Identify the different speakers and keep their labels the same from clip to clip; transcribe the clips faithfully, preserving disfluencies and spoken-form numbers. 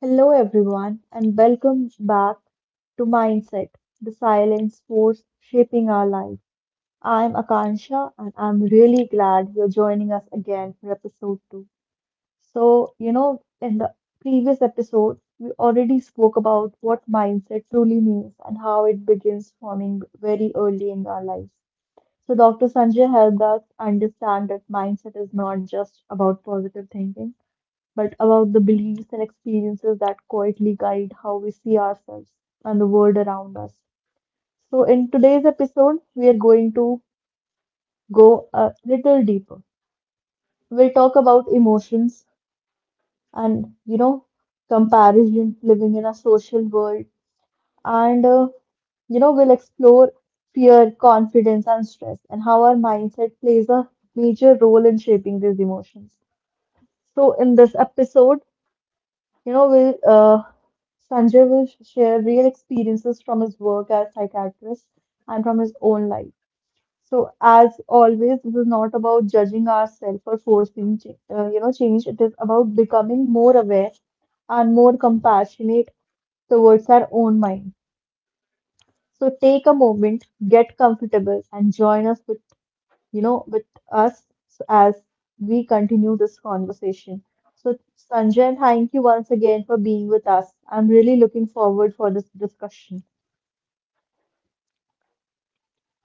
Speaker 1: Hello, everyone, and welcome back to Mindset, the silence force shaping our life. I'm Akansha, and I'm really glad you're joining us again for episode two. So, you know, in the previous episode, we already spoke about what mindset truly means and how it begins forming very early in our lives. So, Doctor Sanjay helped us understand that mindset is not just about positive thinking but about the beliefs and experiences that quietly guide how we see ourselves and the world around us. So, in today's episode, we are going to go a little deeper. We'll talk about emotions and, you know, comparison, living in a social world, and, uh, you know, we'll explore fear, confidence, and stress, and how our mindset plays a major role in shaping these emotions. So, in this episode, You know, will uh, Sanjay will sh- share real experiences from his work as psychiatrist and from his own life. So, as always, this is not about judging ourselves or forcing, ch- uh, you know, change. It is about becoming more aware and more compassionate towards our own mind. So, take a moment, get comfortable, and join us with you know, with us as we continue this conversation. So, Sanjay, thank you once again for being with us. I'm really looking forward for this discussion.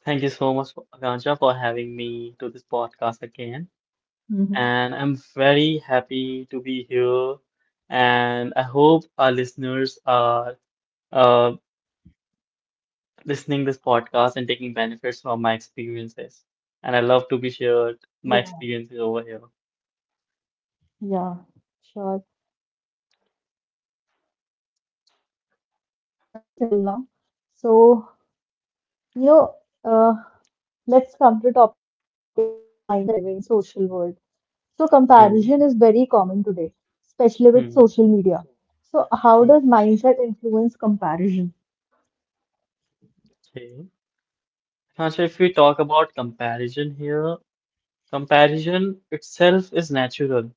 Speaker 2: Thank you so much, Akansha, for having me to this podcast again. And
Speaker 1: Hmm.
Speaker 2: I'm very happy to be here. And I hope our listeners are uh, listening this podcast and taking benefits from my experiences. And I love to be shared my experiences over here.
Speaker 1: Yeah, yeah, sure. So, Sanjay, you know, let's start with very simple now. So, you know, uh, Let's come to the topic of mindset and comparison living in social world. So
Speaker 2: Mm,
Speaker 1: comparison is very common today,
Speaker 2: mm,
Speaker 1: especially with social media. So how does mindset influence comparison?
Speaker 2: okay. Akansha, if we talk about comparison here, comparison itself is natural.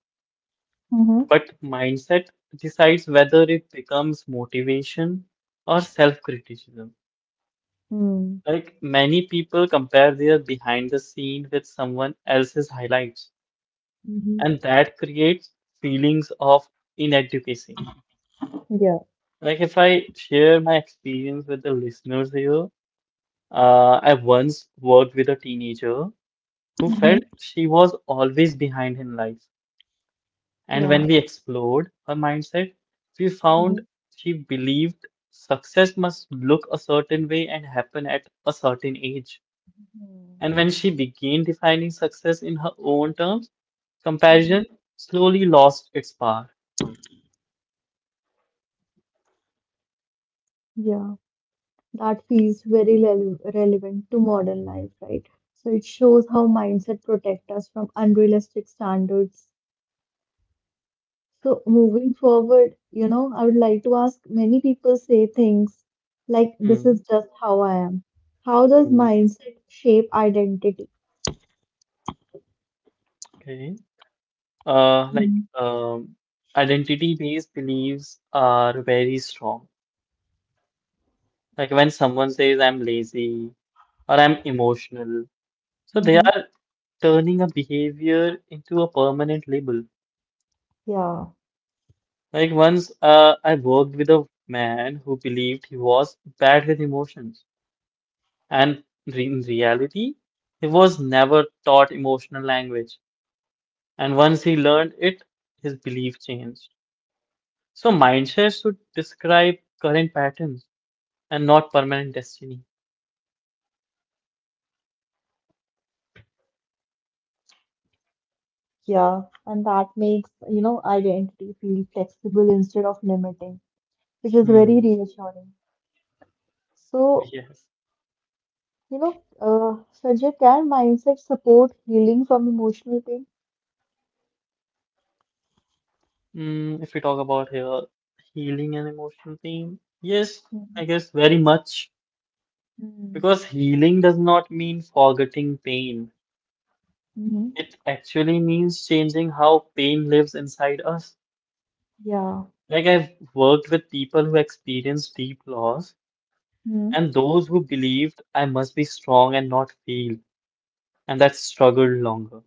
Speaker 1: Mm-hmm.
Speaker 2: But mindset decides whether it becomes motivation or self-criticism.
Speaker 1: Mm-hmm.
Speaker 2: Like many people compare their behind the scene with someone else's highlights,
Speaker 1: Hmm.
Speaker 2: and that creates feelings of inadequacy.
Speaker 1: Yeah.
Speaker 2: Like if I share my experience with the listeners here, uh, I once worked with a teenager who felt
Speaker 1: Mm-hmm.
Speaker 2: she was always behind in life. And
Speaker 1: Yeah.
Speaker 2: when we explored her mindset, we found
Speaker 1: Mm-hmm.
Speaker 2: she believed success must look a certain way and happen at a certain age. And when she began defining success in her own terms,
Speaker 1: Mm-hmm.
Speaker 2: comparison slowly lost its power.
Speaker 1: Yeah, that feels very rele- relevant to modern life, right? So it shows how mindset protect us from unrealistic standards. So, moving forward, you know, I would like to ask, many people say things like, this is
Speaker 2: Hmm.
Speaker 1: just how I am. How does
Speaker 2: Hmm.
Speaker 1: mindset shape identity?
Speaker 2: Okay. Uh, like um, Identity-based beliefs are very strong. Like when someone says I'm lazy or I'm emotional, so they
Speaker 1: Mm-hmm.
Speaker 2: are turning a behavior into a permanent label.
Speaker 1: Yeah,
Speaker 2: Like once uh, I worked with a man who believed he was bad with emotions, and re in reality, he was never taught emotional language. And once he learned it, his belief changed. So mindshare should describe current patterns and not permanent destiny.
Speaker 1: yeah. And that makes, you know, identity feel flexible instead of limiting, which is very
Speaker 2: Hmm.
Speaker 1: reassuring. So,
Speaker 2: Yes.
Speaker 1: you know, uh, Sanjay, can mindset support healing from emotional pain?
Speaker 2: Mm, if we talk about here, healing and emotional pain, yes, I guess very much
Speaker 1: Mm-hmm.
Speaker 2: because healing does not mean forgetting pain.
Speaker 1: Mm-hmm.
Speaker 2: It actually means changing how pain lives inside us.
Speaker 1: Yeah.
Speaker 2: Like, I've worked with people who experienced deep loss
Speaker 1: Mm-hmm.
Speaker 2: and those who believed I must be strong and not feel, and that struggled longer.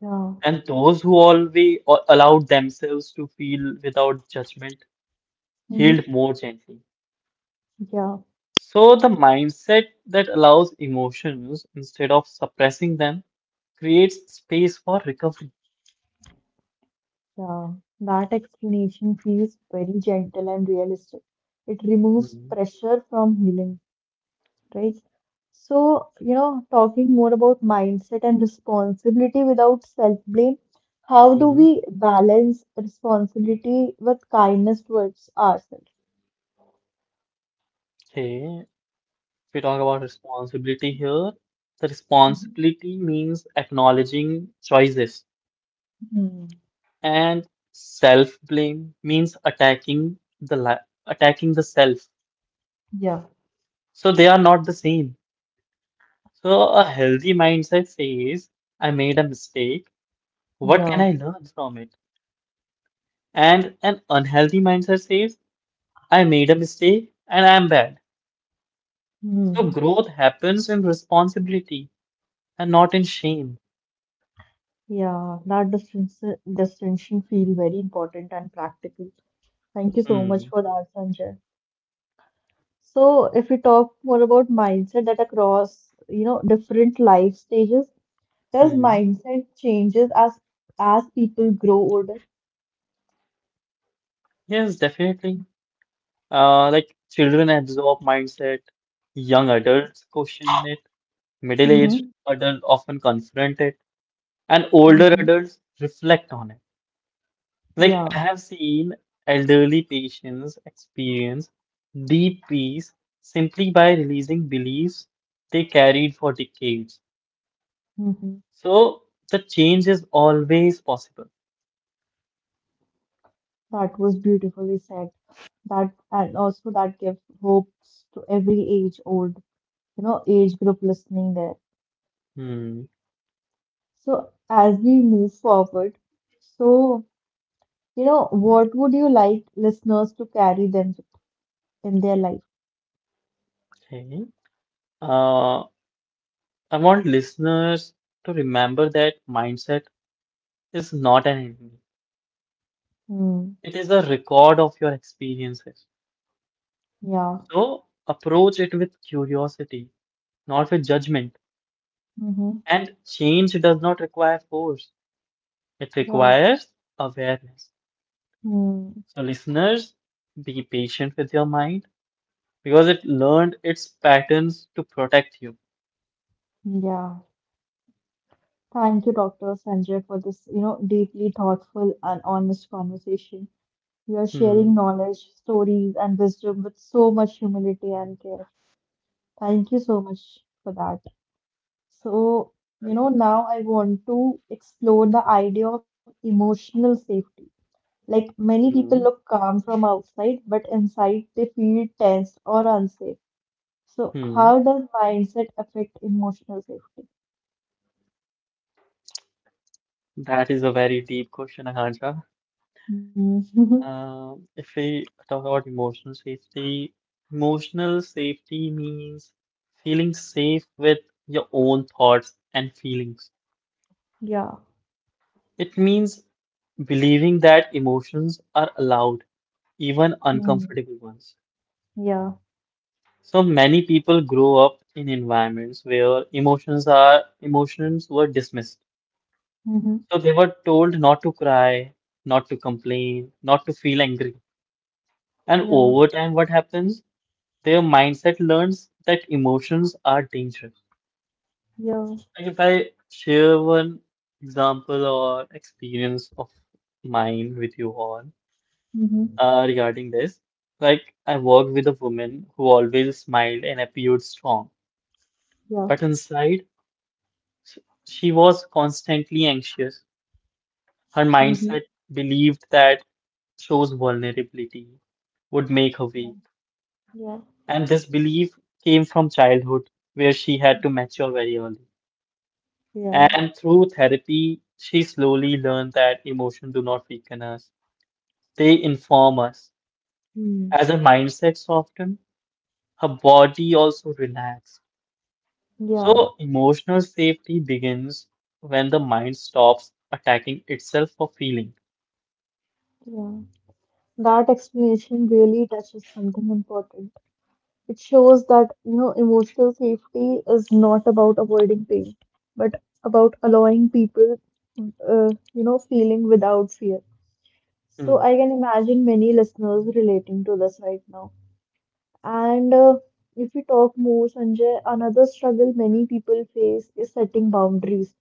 Speaker 1: Yeah.
Speaker 2: And those who always allowed themselves to feel without judgment
Speaker 1: Mm-hmm.
Speaker 2: healed more gently.
Speaker 1: Yeah.
Speaker 2: So, the mindset that allows emotions instead of suppressing them creates space for recovery.
Speaker 1: Yeah, that explanation feels very gentle and realistic. It removes
Speaker 2: Mm-hmm.
Speaker 1: pressure from healing, right? So, you know, talking more about mindset and responsibility without self-blame, how do
Speaker 2: Mm-hmm.
Speaker 1: we balance responsibility with kindness towards ourselves?
Speaker 2: Okay. We talk about responsibility here, the responsibility means acknowledging choices,
Speaker 1: Mhm.
Speaker 2: and self-blame means attacking the li attacking the self.
Speaker 1: Yeah.
Speaker 2: So they are not the same. So a healthy mindset says, I made a mistake. What can
Speaker 1: Yeah.
Speaker 2: I learn from it? And an unhealthy mindset says, I made a mistake and I am bad. So
Speaker 1: Hmm.
Speaker 2: growth happens in responsibility and not in shame.
Speaker 1: Yeah, that distinction distinction feel very important and practical. Thank you so much
Speaker 2: Hmm.
Speaker 1: for that, Sanjay. So if we talk more about mindset that across, you know, different life stages, does
Speaker 2: Hmm.
Speaker 1: mindset changes as as people grow older?
Speaker 2: Yes, definitely. Uh, like children absorb mindset, young adults question it, middle-aged
Speaker 1: Mm-hmm.
Speaker 2: adults often confront it, and
Speaker 1: Mm-hmm.
Speaker 2: older adults reflect on it.
Speaker 1: Yeah.
Speaker 2: Like I have seen elderly patients experience deep peace simply by releasing beliefs they carried for decades.
Speaker 1: Mm-hmm.
Speaker 2: So the change is always possible.
Speaker 1: That was beautifully said. That, and also that gives hopes to every age old, you know, age group listening there.
Speaker 2: Hmm,
Speaker 1: So as we move forward, so you know, what would you like listeners to carry them in their life?
Speaker 2: okay. Uh, I want listeners to remember that mindset is not an enemy.
Speaker 1: Mm.
Speaker 2: It is a record of your experiences.
Speaker 1: Yeah.
Speaker 2: So approach it with curiosity, not with judgment.
Speaker 1: Mm-hmm.
Speaker 2: And change does not require force, it
Speaker 1: Yeah.
Speaker 2: requires awareness.
Speaker 1: Mm,
Speaker 2: So, listeners, be patient with your mind because it learned its patterns to protect you.
Speaker 1: yeah. Thank you, Doctor Sanjay, for this, you know, deeply thoughtful and honest conversation. You are
Speaker 2: Hmm.
Speaker 1: sharing knowledge, stories, and wisdom with so much humility and care. Thank you so much for that. So, you
Speaker 2: Okay.
Speaker 1: know, now I want to explore the idea of emotional safety. Like many people
Speaker 2: Hmm.
Speaker 1: look calm from outside, but inside they feel tense or unsafe. So,
Speaker 2: Hmm.
Speaker 1: how does mindset affect emotional safety?
Speaker 2: That is a very deep question, Akansha.
Speaker 1: Hmm.
Speaker 2: Um, if we talk about emotional safety, emotional safety means feeling safe with your own thoughts and feelings.
Speaker 1: Yeah.
Speaker 2: It means believing that emotions are allowed, even
Speaker 1: Yeah.
Speaker 2: uncomfortable ones.
Speaker 1: Yeah.
Speaker 2: So many people grow up in environments where emotions are emotions were dismissed.
Speaker 1: Mm-hmm.
Speaker 2: So they were told not to cry, not to complain, not to feel angry. And
Speaker 1: Yeah.
Speaker 2: over time, what happens? Their mindset learns that emotions are dangerous.
Speaker 1: Yeah.
Speaker 2: Like if I share one example or experience of mine with you all
Speaker 1: Mm-hmm.
Speaker 2: uh, regarding this, like I worked with a woman who always smiled and appeared strong,
Speaker 1: Yeah.
Speaker 2: but inside sh- she was constantly anxious. Her
Speaker 1: Mm-hmm.
Speaker 2: mindset believed that shows vulnerability would make her weak,
Speaker 1: Yeah.
Speaker 2: and this belief came from childhood where she had to mature very early.
Speaker 1: Yeah.
Speaker 2: And through therapy, she slowly learned that emotions do not weaken us, they inform us.
Speaker 1: Mm.
Speaker 2: As her mindset softened, her body also relaxed.
Speaker 1: Yeah.
Speaker 2: So, emotional safety begins when the mind stops attacking itself for feeling.
Speaker 1: Yeah. That explanation really touches something important. It shows that, you know, emotional safety is not about avoiding pain, but about allowing people, uh, you know, feeling without fear. So
Speaker 2: Hmm.
Speaker 1: I can imagine many listeners relating to this right now. And uh, if we talk more, Sanjay, another struggle many people face is setting boundaries.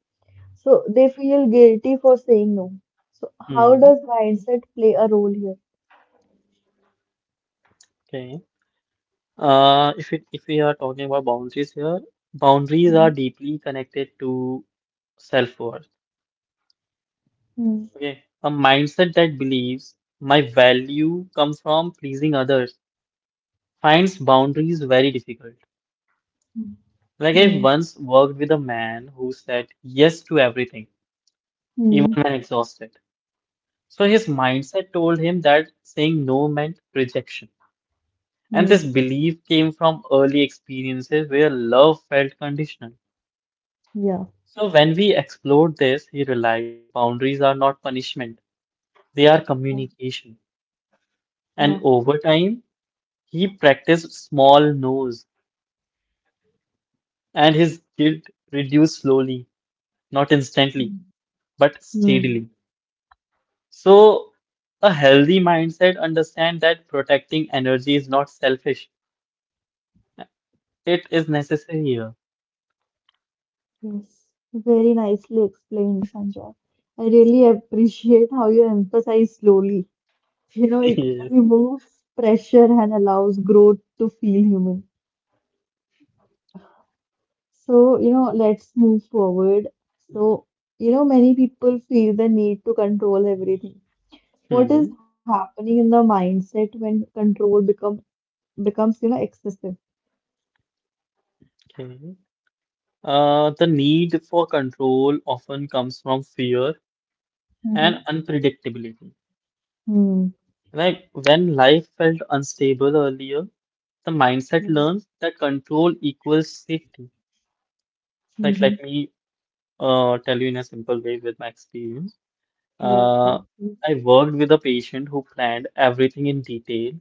Speaker 1: So they feel guilty for saying no. So how
Speaker 2: mm,
Speaker 1: does mindset play a role here?
Speaker 2: okay. Uh, if it, if we are talking about boundaries here, boundaries
Speaker 1: Mhm.
Speaker 2: are deeply connected to self-worth.
Speaker 1: Hmm.
Speaker 2: Okay. A mindset that believes my value comes from pleasing others finds boundaries very difficult.
Speaker 1: Mhm.
Speaker 2: Like
Speaker 1: Hmm.
Speaker 2: I once worked with a man who said yes to everything, even
Speaker 1: Hmm.
Speaker 2: when exhausted. So his mindset told him that saying no meant rejection. And this
Speaker 1: Hmm.
Speaker 2: belief came from early experiences where love felt conditional.
Speaker 1: Yeah.
Speaker 2: So when we explored this, he realized boundaries are not punishment, they are
Speaker 1: Yeah.
Speaker 2: communication. And
Speaker 1: Yeah.
Speaker 2: over time, he practiced small no's and his guilt reduced slowly, not instantly,
Speaker 1: Hmm.
Speaker 2: but
Speaker 1: Hmm.
Speaker 2: steadily. So, a healthy mindset understand that protecting energy is not selfish. It is necessary here.
Speaker 1: Yes. Very nicely explained, Sanjay. I really appreciate how you emphasize slowly. You know, it
Speaker 2: Yes.
Speaker 1: removes pressure and allows growth to feel human. So, you know, let's move forward. So, you know, many people feel the need to control everything. What is
Speaker 2: Hmm.
Speaker 1: happening in the mindset when control become becomes, you know, excessive?
Speaker 2: Okay. Uh, the need for control often comes from fear and
Speaker 1: Mm-hmm.
Speaker 2: unpredictability.
Speaker 1: Hmm.
Speaker 2: Like when life felt unstable earlier, the mindset
Speaker 1: Mm-hmm.
Speaker 2: learns that control equals safety.
Speaker 1: Mm-hmm.
Speaker 2: Like let me uh, tell you in a simple way with my experience.
Speaker 1: Yeah.
Speaker 2: Uh, I worked with a patient who planned everything in detail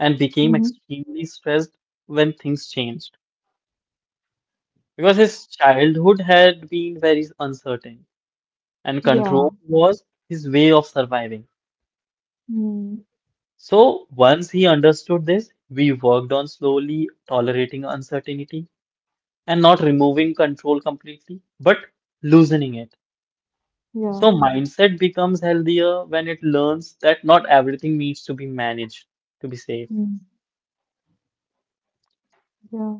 Speaker 2: and became
Speaker 1: Mm-hmm.
Speaker 2: extremely stressed when things changed because his childhood had been very uncertain and
Speaker 1: Yeah.
Speaker 2: control was his way of surviving.
Speaker 1: Mm.
Speaker 2: So once he understood this, we worked on slowly tolerating uncertainty and not removing control completely, but loosening it.
Speaker 1: Yeah.
Speaker 2: So mindset becomes healthier when it learns that not everything needs to be managed to be safe.
Speaker 1: Mm. Yeah.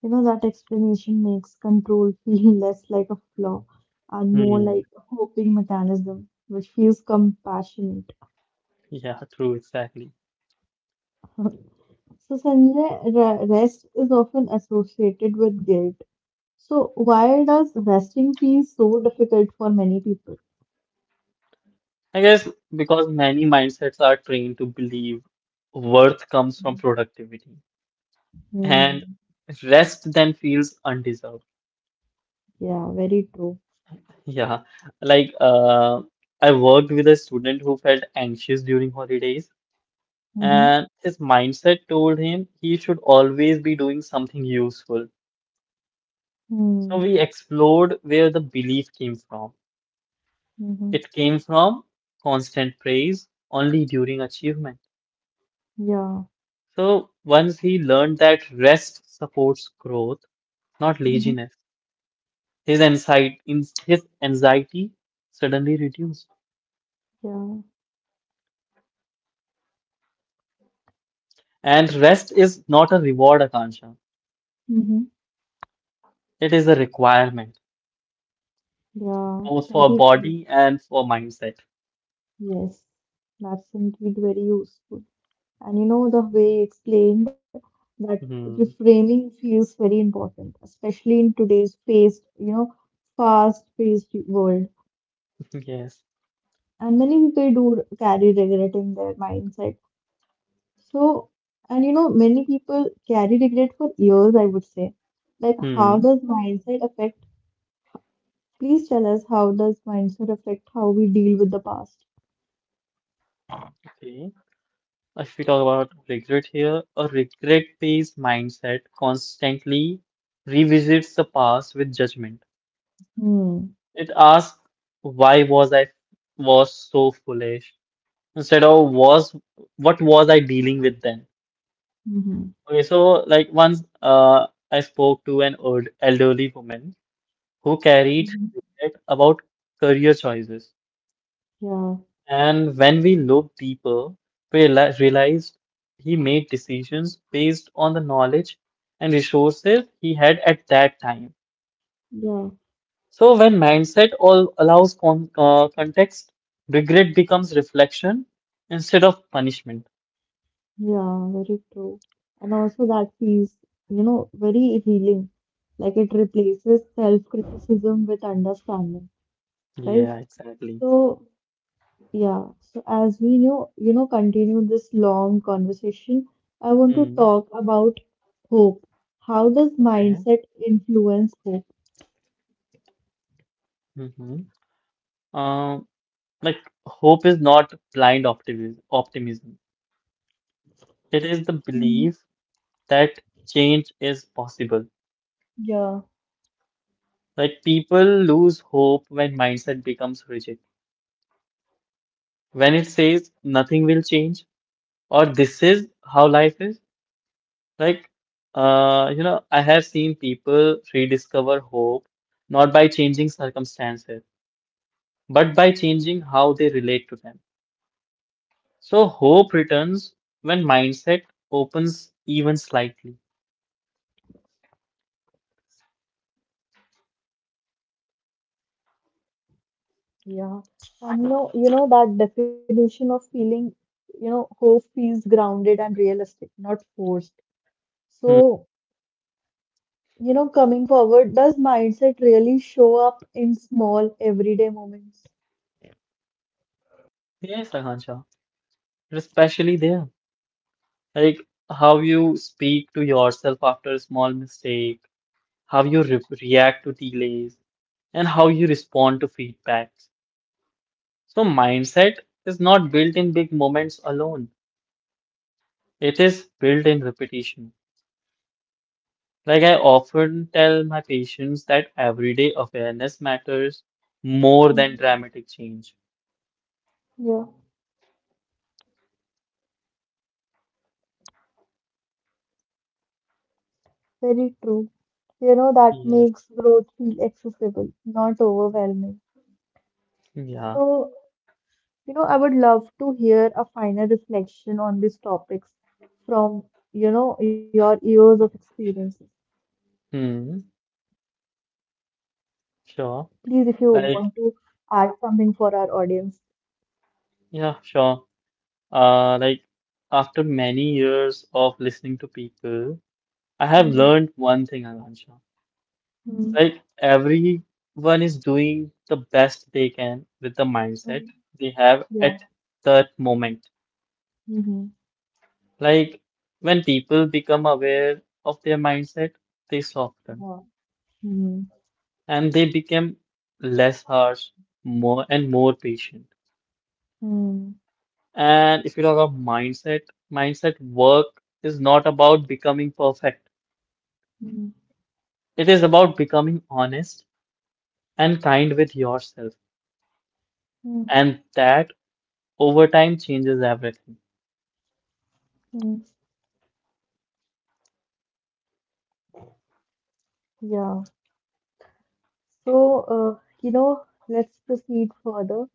Speaker 1: You know, that explanation makes control feel less like a flaw and more
Speaker 2: Hmm.
Speaker 1: like a coping mechanism, which feels compassionate.
Speaker 2: Yeah, true, exactly.
Speaker 1: So, Sanjay, re- rest is often associated with guilt. So, why does resting feel so difficult for many people?
Speaker 2: I guess because many mindsets are trained to believe worth comes from productivity and
Speaker 1: Hmm.
Speaker 2: rest then feels undeserved.
Speaker 1: Yeah, very true.
Speaker 2: Yeah, like uh, I worked with a student who felt anxious during holidays,
Speaker 1: Mm-hmm.
Speaker 2: and his mindset told him he should always be doing something useful. So
Speaker 1: Hmm.
Speaker 2: we explored where the belief came from.
Speaker 1: Mm-hmm.
Speaker 2: It came from constant praise only during achievement.
Speaker 1: Yeah.
Speaker 2: So once he learned that rest supports growth, not
Speaker 1: Mm-hmm.
Speaker 2: laziness, his anxiety, his anxiety suddenly reduced.
Speaker 1: Yeah.
Speaker 2: And rest is not a reward, Akansha.
Speaker 1: Mm-hmm.
Speaker 2: It is a requirement,
Speaker 1: Yeah.
Speaker 2: both for
Speaker 1: Very true.
Speaker 2: body and for mindset.
Speaker 1: Yes. That's indeed very useful. And you know, the way you explained that
Speaker 2: Hmm.
Speaker 1: reframing feels very important, especially in today's fast, you know, fast-paced world.
Speaker 2: Yes.
Speaker 1: And many people do carry regret in their mindset. So, and you know, many people carry regret for years, I would say. Like, how
Speaker 2: Hmm.
Speaker 1: does mindset affect? Please tell us how does mindset affect how we deal with the past?
Speaker 2: Okay. If we talk about regret here, a regret-based mindset constantly revisits the past with judgment.
Speaker 1: Hmm.
Speaker 2: It asks, why was I was so foolish? Instead of was what was I dealing with then?
Speaker 1: Mm-hmm.
Speaker 2: Okay, so like once uh, I spoke to an old elderly woman who carried
Speaker 1: Hmm.
Speaker 2: regret about career choices,
Speaker 1: Yeah.
Speaker 2: and when we looked deeper, we reali- realized he made decisions based on the knowledge and resources he had at that time.
Speaker 1: Yeah.
Speaker 2: So when mindset all allows con uh, context, regret becomes reflection instead of punishment.
Speaker 1: Yeah. Very true. And also that feels, you know, very healing. Like it replaces self-criticism with understanding, right?
Speaker 2: Yeah, exactly.
Speaker 1: So, yeah, so as we know, you know, continue this long conversation, I want to
Speaker 2: Hmm.
Speaker 1: talk about hope. How does
Speaker 2: Okay.
Speaker 1: mindset influence hope?
Speaker 2: Mhm. Um, like hope is not blind optimism. Optimism. It is the
Speaker 1: Mm.
Speaker 2: belief that change is possible.
Speaker 1: Yeah,
Speaker 2: Like people lose hope when mindset becomes rigid. When it says nothing will change or this is how life is. Like, uh, you know, I have seen people rediscover hope not by changing circumstances, but by changing how they relate to them. So hope returns when mindset opens even slightly.
Speaker 1: yeah. And you know, you know that definition of feeling, you know, hope feels grounded and realistic, not forced.
Speaker 2: Hmm.
Speaker 1: So, you know, coming forward, does mindset really show up in small everyday moments?
Speaker 2: Yes, Akansha. Especially there. Like how you speak to yourself after a small mistake, how you re react to delays, and how you respond to feedbacks. So, mindset is not built in big moments alone, it is built in repetition. Like I often tell my patients that everyday awareness matters more than
Speaker 1: Mm.
Speaker 2: dramatic change.
Speaker 1: Yeah. Very true. You know, that
Speaker 2: Yes.
Speaker 1: makes growth feel accessible, not overwhelming.
Speaker 2: Yeah.
Speaker 1: So, you know, I would love to hear a final reflection on these topics from, you know, your years of experiences.
Speaker 2: Hmm. Sure.
Speaker 1: Please, if you want
Speaker 2: Like,
Speaker 1: to add something for our audience.
Speaker 2: yeah, sure. Uh, like after many years of listening to people, I have
Speaker 1: Mhm.
Speaker 2: learned one thing, Alansha.
Speaker 1: Mhm.
Speaker 2: Like everyone is doing the best they can with the mindset
Speaker 1: Mhm.
Speaker 2: they have at
Speaker 1: Yeah.
Speaker 2: that moment.
Speaker 1: Mhm.
Speaker 2: Like when people become aware of their mindset, they soften
Speaker 1: Yeah. Mhm.
Speaker 2: and they become less harsh, more and more patient.
Speaker 1: Mhm.
Speaker 2: And if you talk about mindset, mindset work is not about becoming perfect.
Speaker 1: Mhm.
Speaker 2: It is about becoming honest and kind with yourself, and that over time changes everything.
Speaker 1: Mhm. Yeah. So, uh, you know, let's proceed further.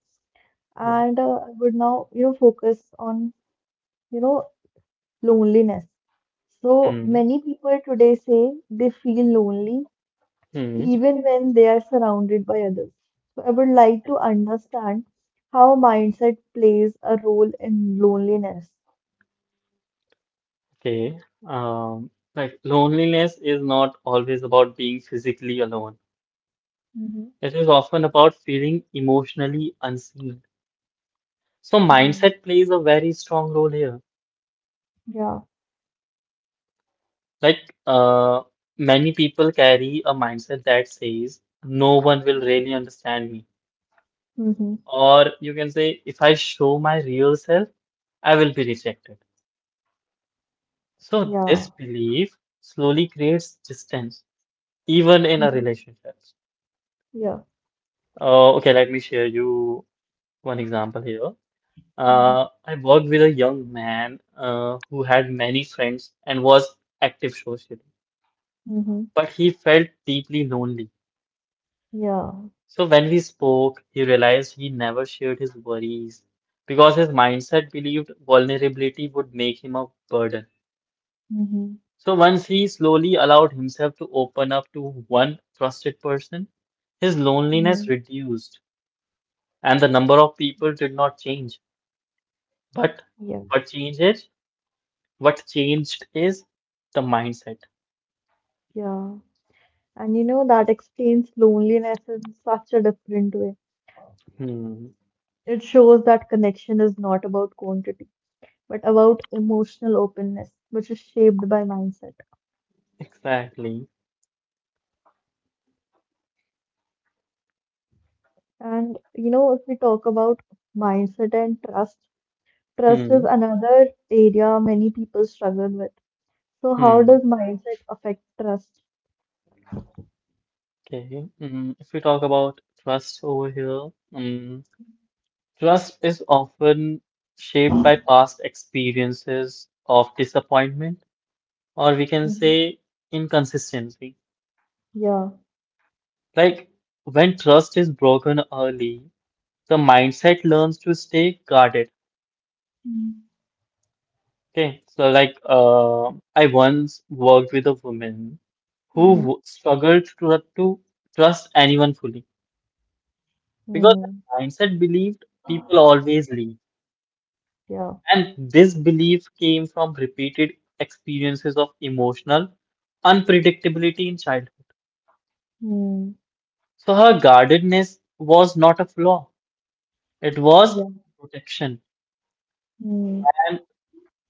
Speaker 2: Yeah.
Speaker 1: And uh, I would now, you know, focus on, you know, loneliness. So
Speaker 2: Mm,
Speaker 1: many people today say they feel lonely
Speaker 2: mm,
Speaker 1: even when they are surrounded by others. So I would like to understand how mindset plays a role in loneliness.
Speaker 2: okay. Um, like loneliness is not always about being physically alone.
Speaker 1: Mm-hmm.
Speaker 2: It is often about feeling emotionally unseen. So
Speaker 1: Mm.
Speaker 2: mindset plays a very strong role here.
Speaker 1: Yeah.
Speaker 2: Like uh, many people carry a mindset that says, no one will really understand me.
Speaker 1: Mm-hmm.
Speaker 2: Or you can say, if I show my real self, I will be rejected. So
Speaker 1: Yeah.
Speaker 2: this belief slowly creates distance, even in a
Speaker 1: Mm-hmm.
Speaker 2: relationship.
Speaker 1: Yeah.
Speaker 2: Uh, okay, let me share you one example here. Uh,
Speaker 1: Mm.
Speaker 2: I worked with a young man uh, who had many friends and was active socially,
Speaker 1: Mm-hmm.
Speaker 2: but he felt deeply lonely.
Speaker 1: Yeah.
Speaker 2: So when we spoke, he realized he never shared his worries because his mindset believed vulnerability would make him a burden.
Speaker 1: Mm-hmm.
Speaker 2: So once he slowly allowed himself to open up to one trusted person, his
Speaker 1: Mm-hmm.
Speaker 2: loneliness reduced and the number of people did not change. But
Speaker 1: Yeah.
Speaker 2: what changes? What changed is the mindset.
Speaker 1: Yeah. And you know, that explains loneliness in such a different way.
Speaker 2: Hmm,
Speaker 1: It shows that connection is not about quantity, but about emotional openness, which is shaped by mindset.
Speaker 2: exactly.
Speaker 1: And you know, if we talk about mindset and trust, trust is
Speaker 2: Hmm,
Speaker 1: another area many people struggle with. So, how
Speaker 2: hmm.
Speaker 1: does mindset affect trust?
Speaker 2: Okay. Mm, if we talk about trust over here, mm, trust is often shaped by past experiences of disappointment, or we can
Speaker 1: Hmm.
Speaker 2: say inconsistency.
Speaker 1: Yeah.
Speaker 2: Like when trust is broken early, the mindset learns to stay guarded.
Speaker 1: Mm-hmm.
Speaker 2: Okay, so like uh, I once worked with a woman who
Speaker 1: Mm-hmm.
Speaker 2: w- struggled to, to trust anyone fully because
Speaker 1: Mm.
Speaker 2: her mindset believed people always leave,
Speaker 1: Yeah.
Speaker 2: and this belief came from repeated experiences of emotional unpredictability in childhood.
Speaker 1: Mm.
Speaker 2: So her guardedness was not a flaw; it
Speaker 1: Yeah.
Speaker 2: was protection.
Speaker 1: Mm.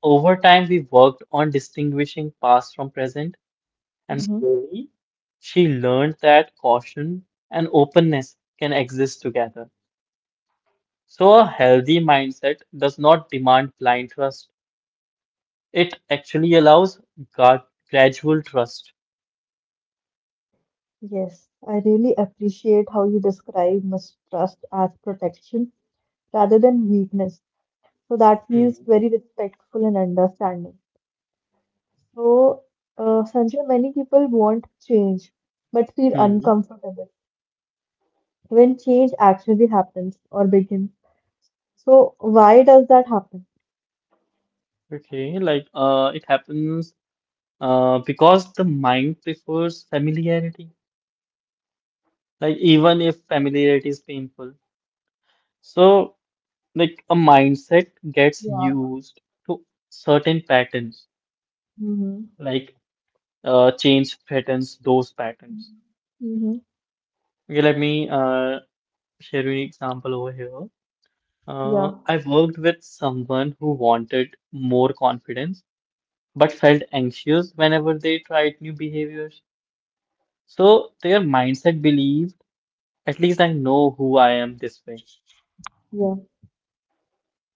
Speaker 2: Over time, we worked on distinguishing past from present, and
Speaker 1: Mm-hmm.
Speaker 2: slowly she learned that caution and openness can exist together. So, a healthy mindset does not demand blind trust, it actually allows gra- gradual trust.
Speaker 1: Yes, I really appreciate how you describe mistrust as protection rather than weakness. So that
Speaker 2: Hmm.
Speaker 1: feels very respectful and understanding. So, uh, Sanjay, many people want change but feel
Speaker 2: Hmm.
Speaker 1: uncomfortable when change actually happens or begins. So, why does that happen?
Speaker 2: Okay, like uh, it happens uh, because the mind prefers familiarity, like even if familiarity is painful. So, like a mindset gets
Speaker 1: Yeah.
Speaker 2: used to certain patterns,
Speaker 1: Mm-hmm.
Speaker 2: like uh, change threatens those patterns.
Speaker 1: Mm-hmm.
Speaker 2: Okay, let me uh, share you an example over here. uh,
Speaker 1: Yeah.
Speaker 2: I worked with someone who wanted more confidence but felt anxious whenever they tried new behaviors, so their mindset believed, at least I know who I am this way.
Speaker 1: Yeah.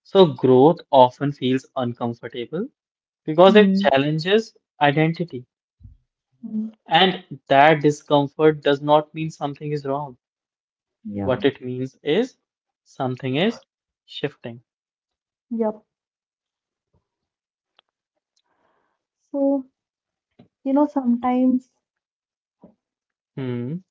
Speaker 2: So growth often feels uncomfortable because it
Speaker 1: Mm.
Speaker 2: challenges identity.
Speaker 1: Mm.
Speaker 2: And that discomfort does not mean something is wrong.
Speaker 1: Yeah.
Speaker 2: What it means is something is shifting.
Speaker 1: Yep. So, you know, sometimes,
Speaker 2: Hmm.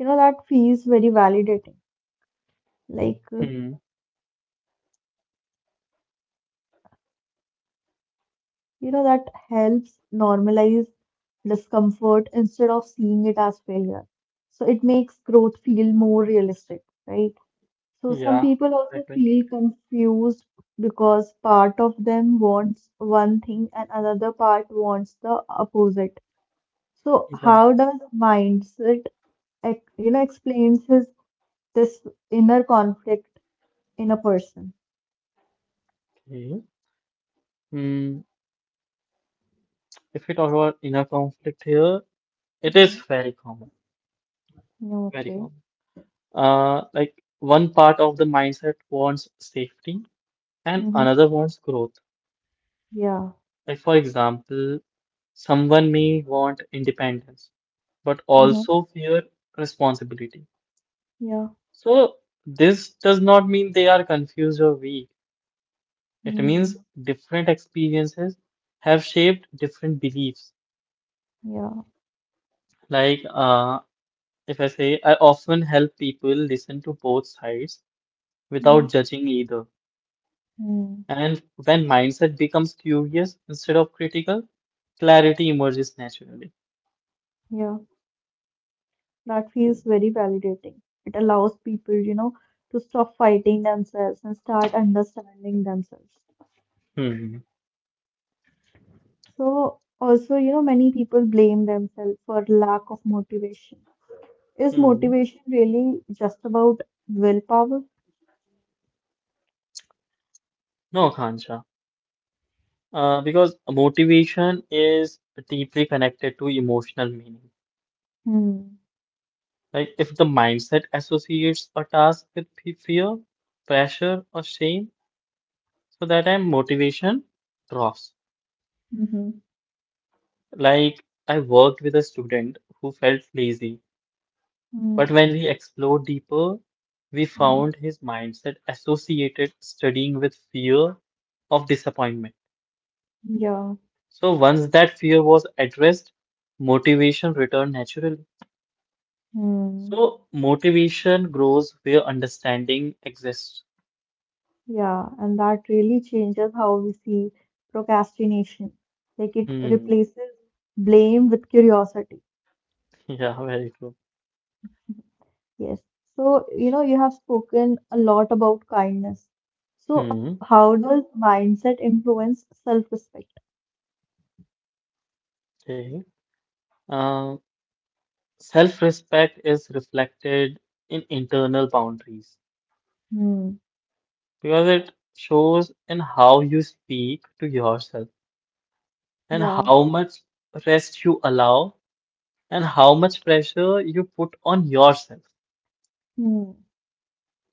Speaker 1: you know, that feels very validating. Like, uh,
Speaker 2: Hmm.
Speaker 1: you know, that helps normalize discomfort instead of seeing it as failure. So it makes growth feel more realistic, right? So some
Speaker 2: Yeah.
Speaker 1: people also
Speaker 2: Exactly.
Speaker 1: feel confused because part of them wants one thing and another part wants the opposite. So
Speaker 2: Yeah.
Speaker 1: how does mindset, ex- you know, explains his this inner conflict in a person?
Speaker 2: Okay. Hmm. If we talk about inner conflict here, it is
Speaker 1: Mm-hmm.
Speaker 2: very common. Very
Speaker 1: Okay.
Speaker 2: common. Uh, like one part of the mindset wants safety and
Speaker 1: Mm-hmm.
Speaker 2: another wants growth.
Speaker 1: Yeah.
Speaker 2: Like for example, someone may want independence, but
Speaker 1: Mm-hmm.
Speaker 2: also fear responsibility.
Speaker 1: Yeah.
Speaker 2: So, this does not mean they are confused or weak. It
Speaker 1: Mm.
Speaker 2: means different experiences have shaped different beliefs.
Speaker 1: Yeah.
Speaker 2: Like, uh, if I say, I often help people listen to both sides
Speaker 1: Hmm.
Speaker 2: without judging either.
Speaker 1: Mm.
Speaker 2: And when mindset becomes curious instead of critical, clarity emerges naturally.
Speaker 1: Yeah. That feels very validating. It allows people, you know, to stop fighting themselves and start understanding themselves.
Speaker 2: Hmm.
Speaker 1: So, also, you know, many people blame themselves for lack of motivation. Is
Speaker 2: Hmm.
Speaker 1: motivation really just about willpower?
Speaker 2: No, Khansha. Uh, because motivation is deeply connected to emotional meaning.
Speaker 1: Mm.
Speaker 2: Like if the mindset associates a task with fe- fear, pressure, or shame, so that time motivation drops.
Speaker 1: Mm-hmm.
Speaker 2: Like I worked with a student who felt lazy, but
Speaker 1: Mm.
Speaker 2: when we explored deeper, we found his mindset associated studying with fear of disappointment.
Speaker 1: Yeah.
Speaker 2: So once that fear was addressed, motivation returned naturally.
Speaker 1: Hmm.
Speaker 2: So motivation grows where understanding exists.
Speaker 1: Yeah, and that really changes how we see procrastination. Like it
Speaker 2: Hmm.
Speaker 1: replaces blame with curiosity.
Speaker 2: Yeah, very true.
Speaker 1: Yes. So, you know, you have spoken a lot about kindness. So,
Speaker 2: Hmm.
Speaker 1: how does mindset influence self-respect?
Speaker 2: Okay. Uh, self-respect is reflected in internal boundaries
Speaker 1: Hmm.
Speaker 2: because it shows in how you speak to yourself and
Speaker 1: Yeah.
Speaker 2: how much rest you allow and how much pressure you put on yourself.
Speaker 1: Hmm.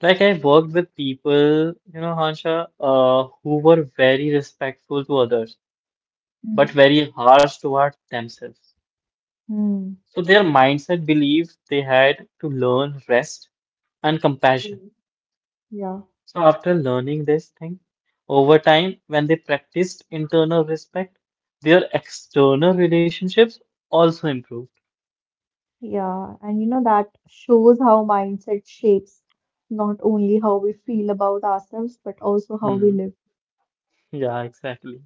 Speaker 2: Like I worked with people, you know, Hansha, uh, who were very respectful to others but
Speaker 1: Mhm.
Speaker 2: very harsh towards themselves.
Speaker 1: Hmm.
Speaker 2: So their mindset believed they had to learn rest and compassion.
Speaker 1: Yeah. Yeah.
Speaker 2: So after learning this thing, over time, when they practiced internal respect, their external relationships also improved.
Speaker 1: Yeah. And you know, that shows how mindset shapes not only how we feel about ourselves, but also how we
Speaker 2: Hmm.
Speaker 1: live.
Speaker 2: Yeah, exactly.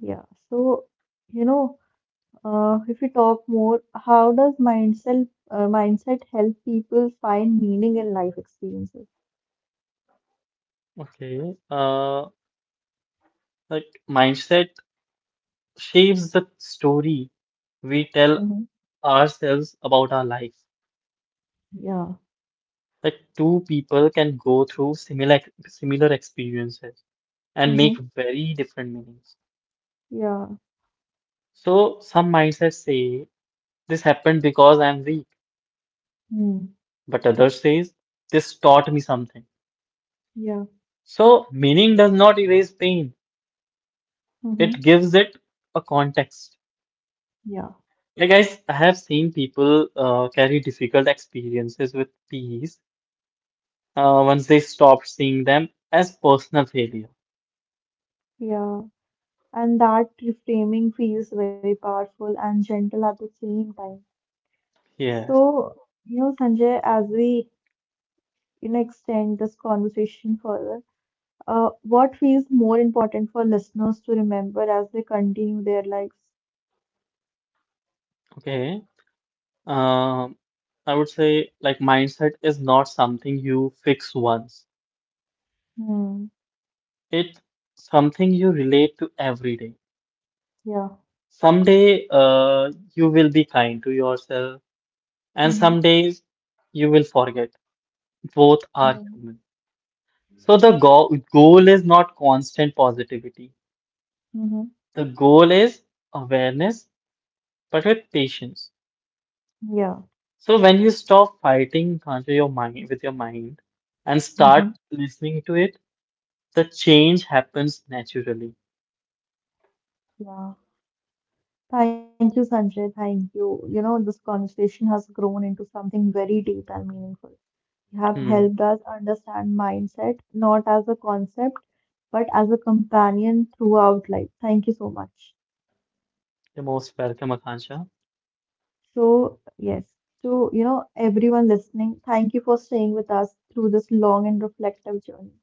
Speaker 1: Yeah. So, you know, Uh, if we talk more, how does mindset uh, mindset help people find meaning in life experiences?
Speaker 2: Okay. Uh, like mindset shapes the story we tell
Speaker 1: Mm-hmm.
Speaker 2: ourselves about our life.
Speaker 1: Yeah.
Speaker 2: Like two people can go through similar similar experiences and make
Speaker 1: Mm-hmm.
Speaker 2: very different meanings.
Speaker 1: Yeah.
Speaker 2: So some mindsets say, this happened because I'm weak.
Speaker 1: Mm.
Speaker 2: But others says, this taught me something.
Speaker 1: Yeah.
Speaker 2: So meaning does not erase pain. It
Speaker 1: Mm-hmm.
Speaker 2: gives it a context.
Speaker 1: Yeah.
Speaker 2: Like guys, I have seen people uh, carry difficult experiences with peace uh, once they stop seeing them as personal failure.
Speaker 1: Yeah. And that reframing feels very powerful and gentle at the same time.
Speaker 2: Yes.
Speaker 1: So, you know, Sanjay, as we you know extend this conversation further, uh, what feels more important for listeners to remember as they continue their lives?
Speaker 2: Okay. Um, I would say like mindset is not something you fix once.
Speaker 1: Hmm.
Speaker 2: It's something you relate to every day.
Speaker 1: Yeah.
Speaker 2: Someday, uh, you will be kind to yourself and some days you will forget. Both are
Speaker 1: Mm-hmm.
Speaker 2: human. So the go- goal is not constant positivity.
Speaker 1: Mm-hmm.
Speaker 2: The goal is awareness, but with patience.
Speaker 1: Yeah.
Speaker 2: So when you stop fighting contra your mind with your mind and start
Speaker 1: Mm-hmm.
Speaker 2: listening to it, the change happens naturally.
Speaker 1: Yeah. Thank you, Sanjay. Thank you. You know, this conversation has grown into something very deep and meaningful. You have
Speaker 2: Hmm.
Speaker 1: helped us understand mindset, not as a concept, but as a companion throughout life. Thank you so much.
Speaker 2: You're most welcome, Akansha.
Speaker 1: So, yes, to, you know, everyone listening, thank you for staying with us through this long and reflective journey.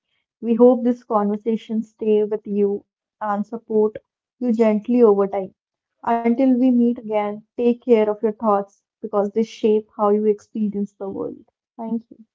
Speaker 1: We hope this conversation stay with you and support you gently over time. Until we meet again, take care of your thoughts because they shape how you experience the world. Thank you.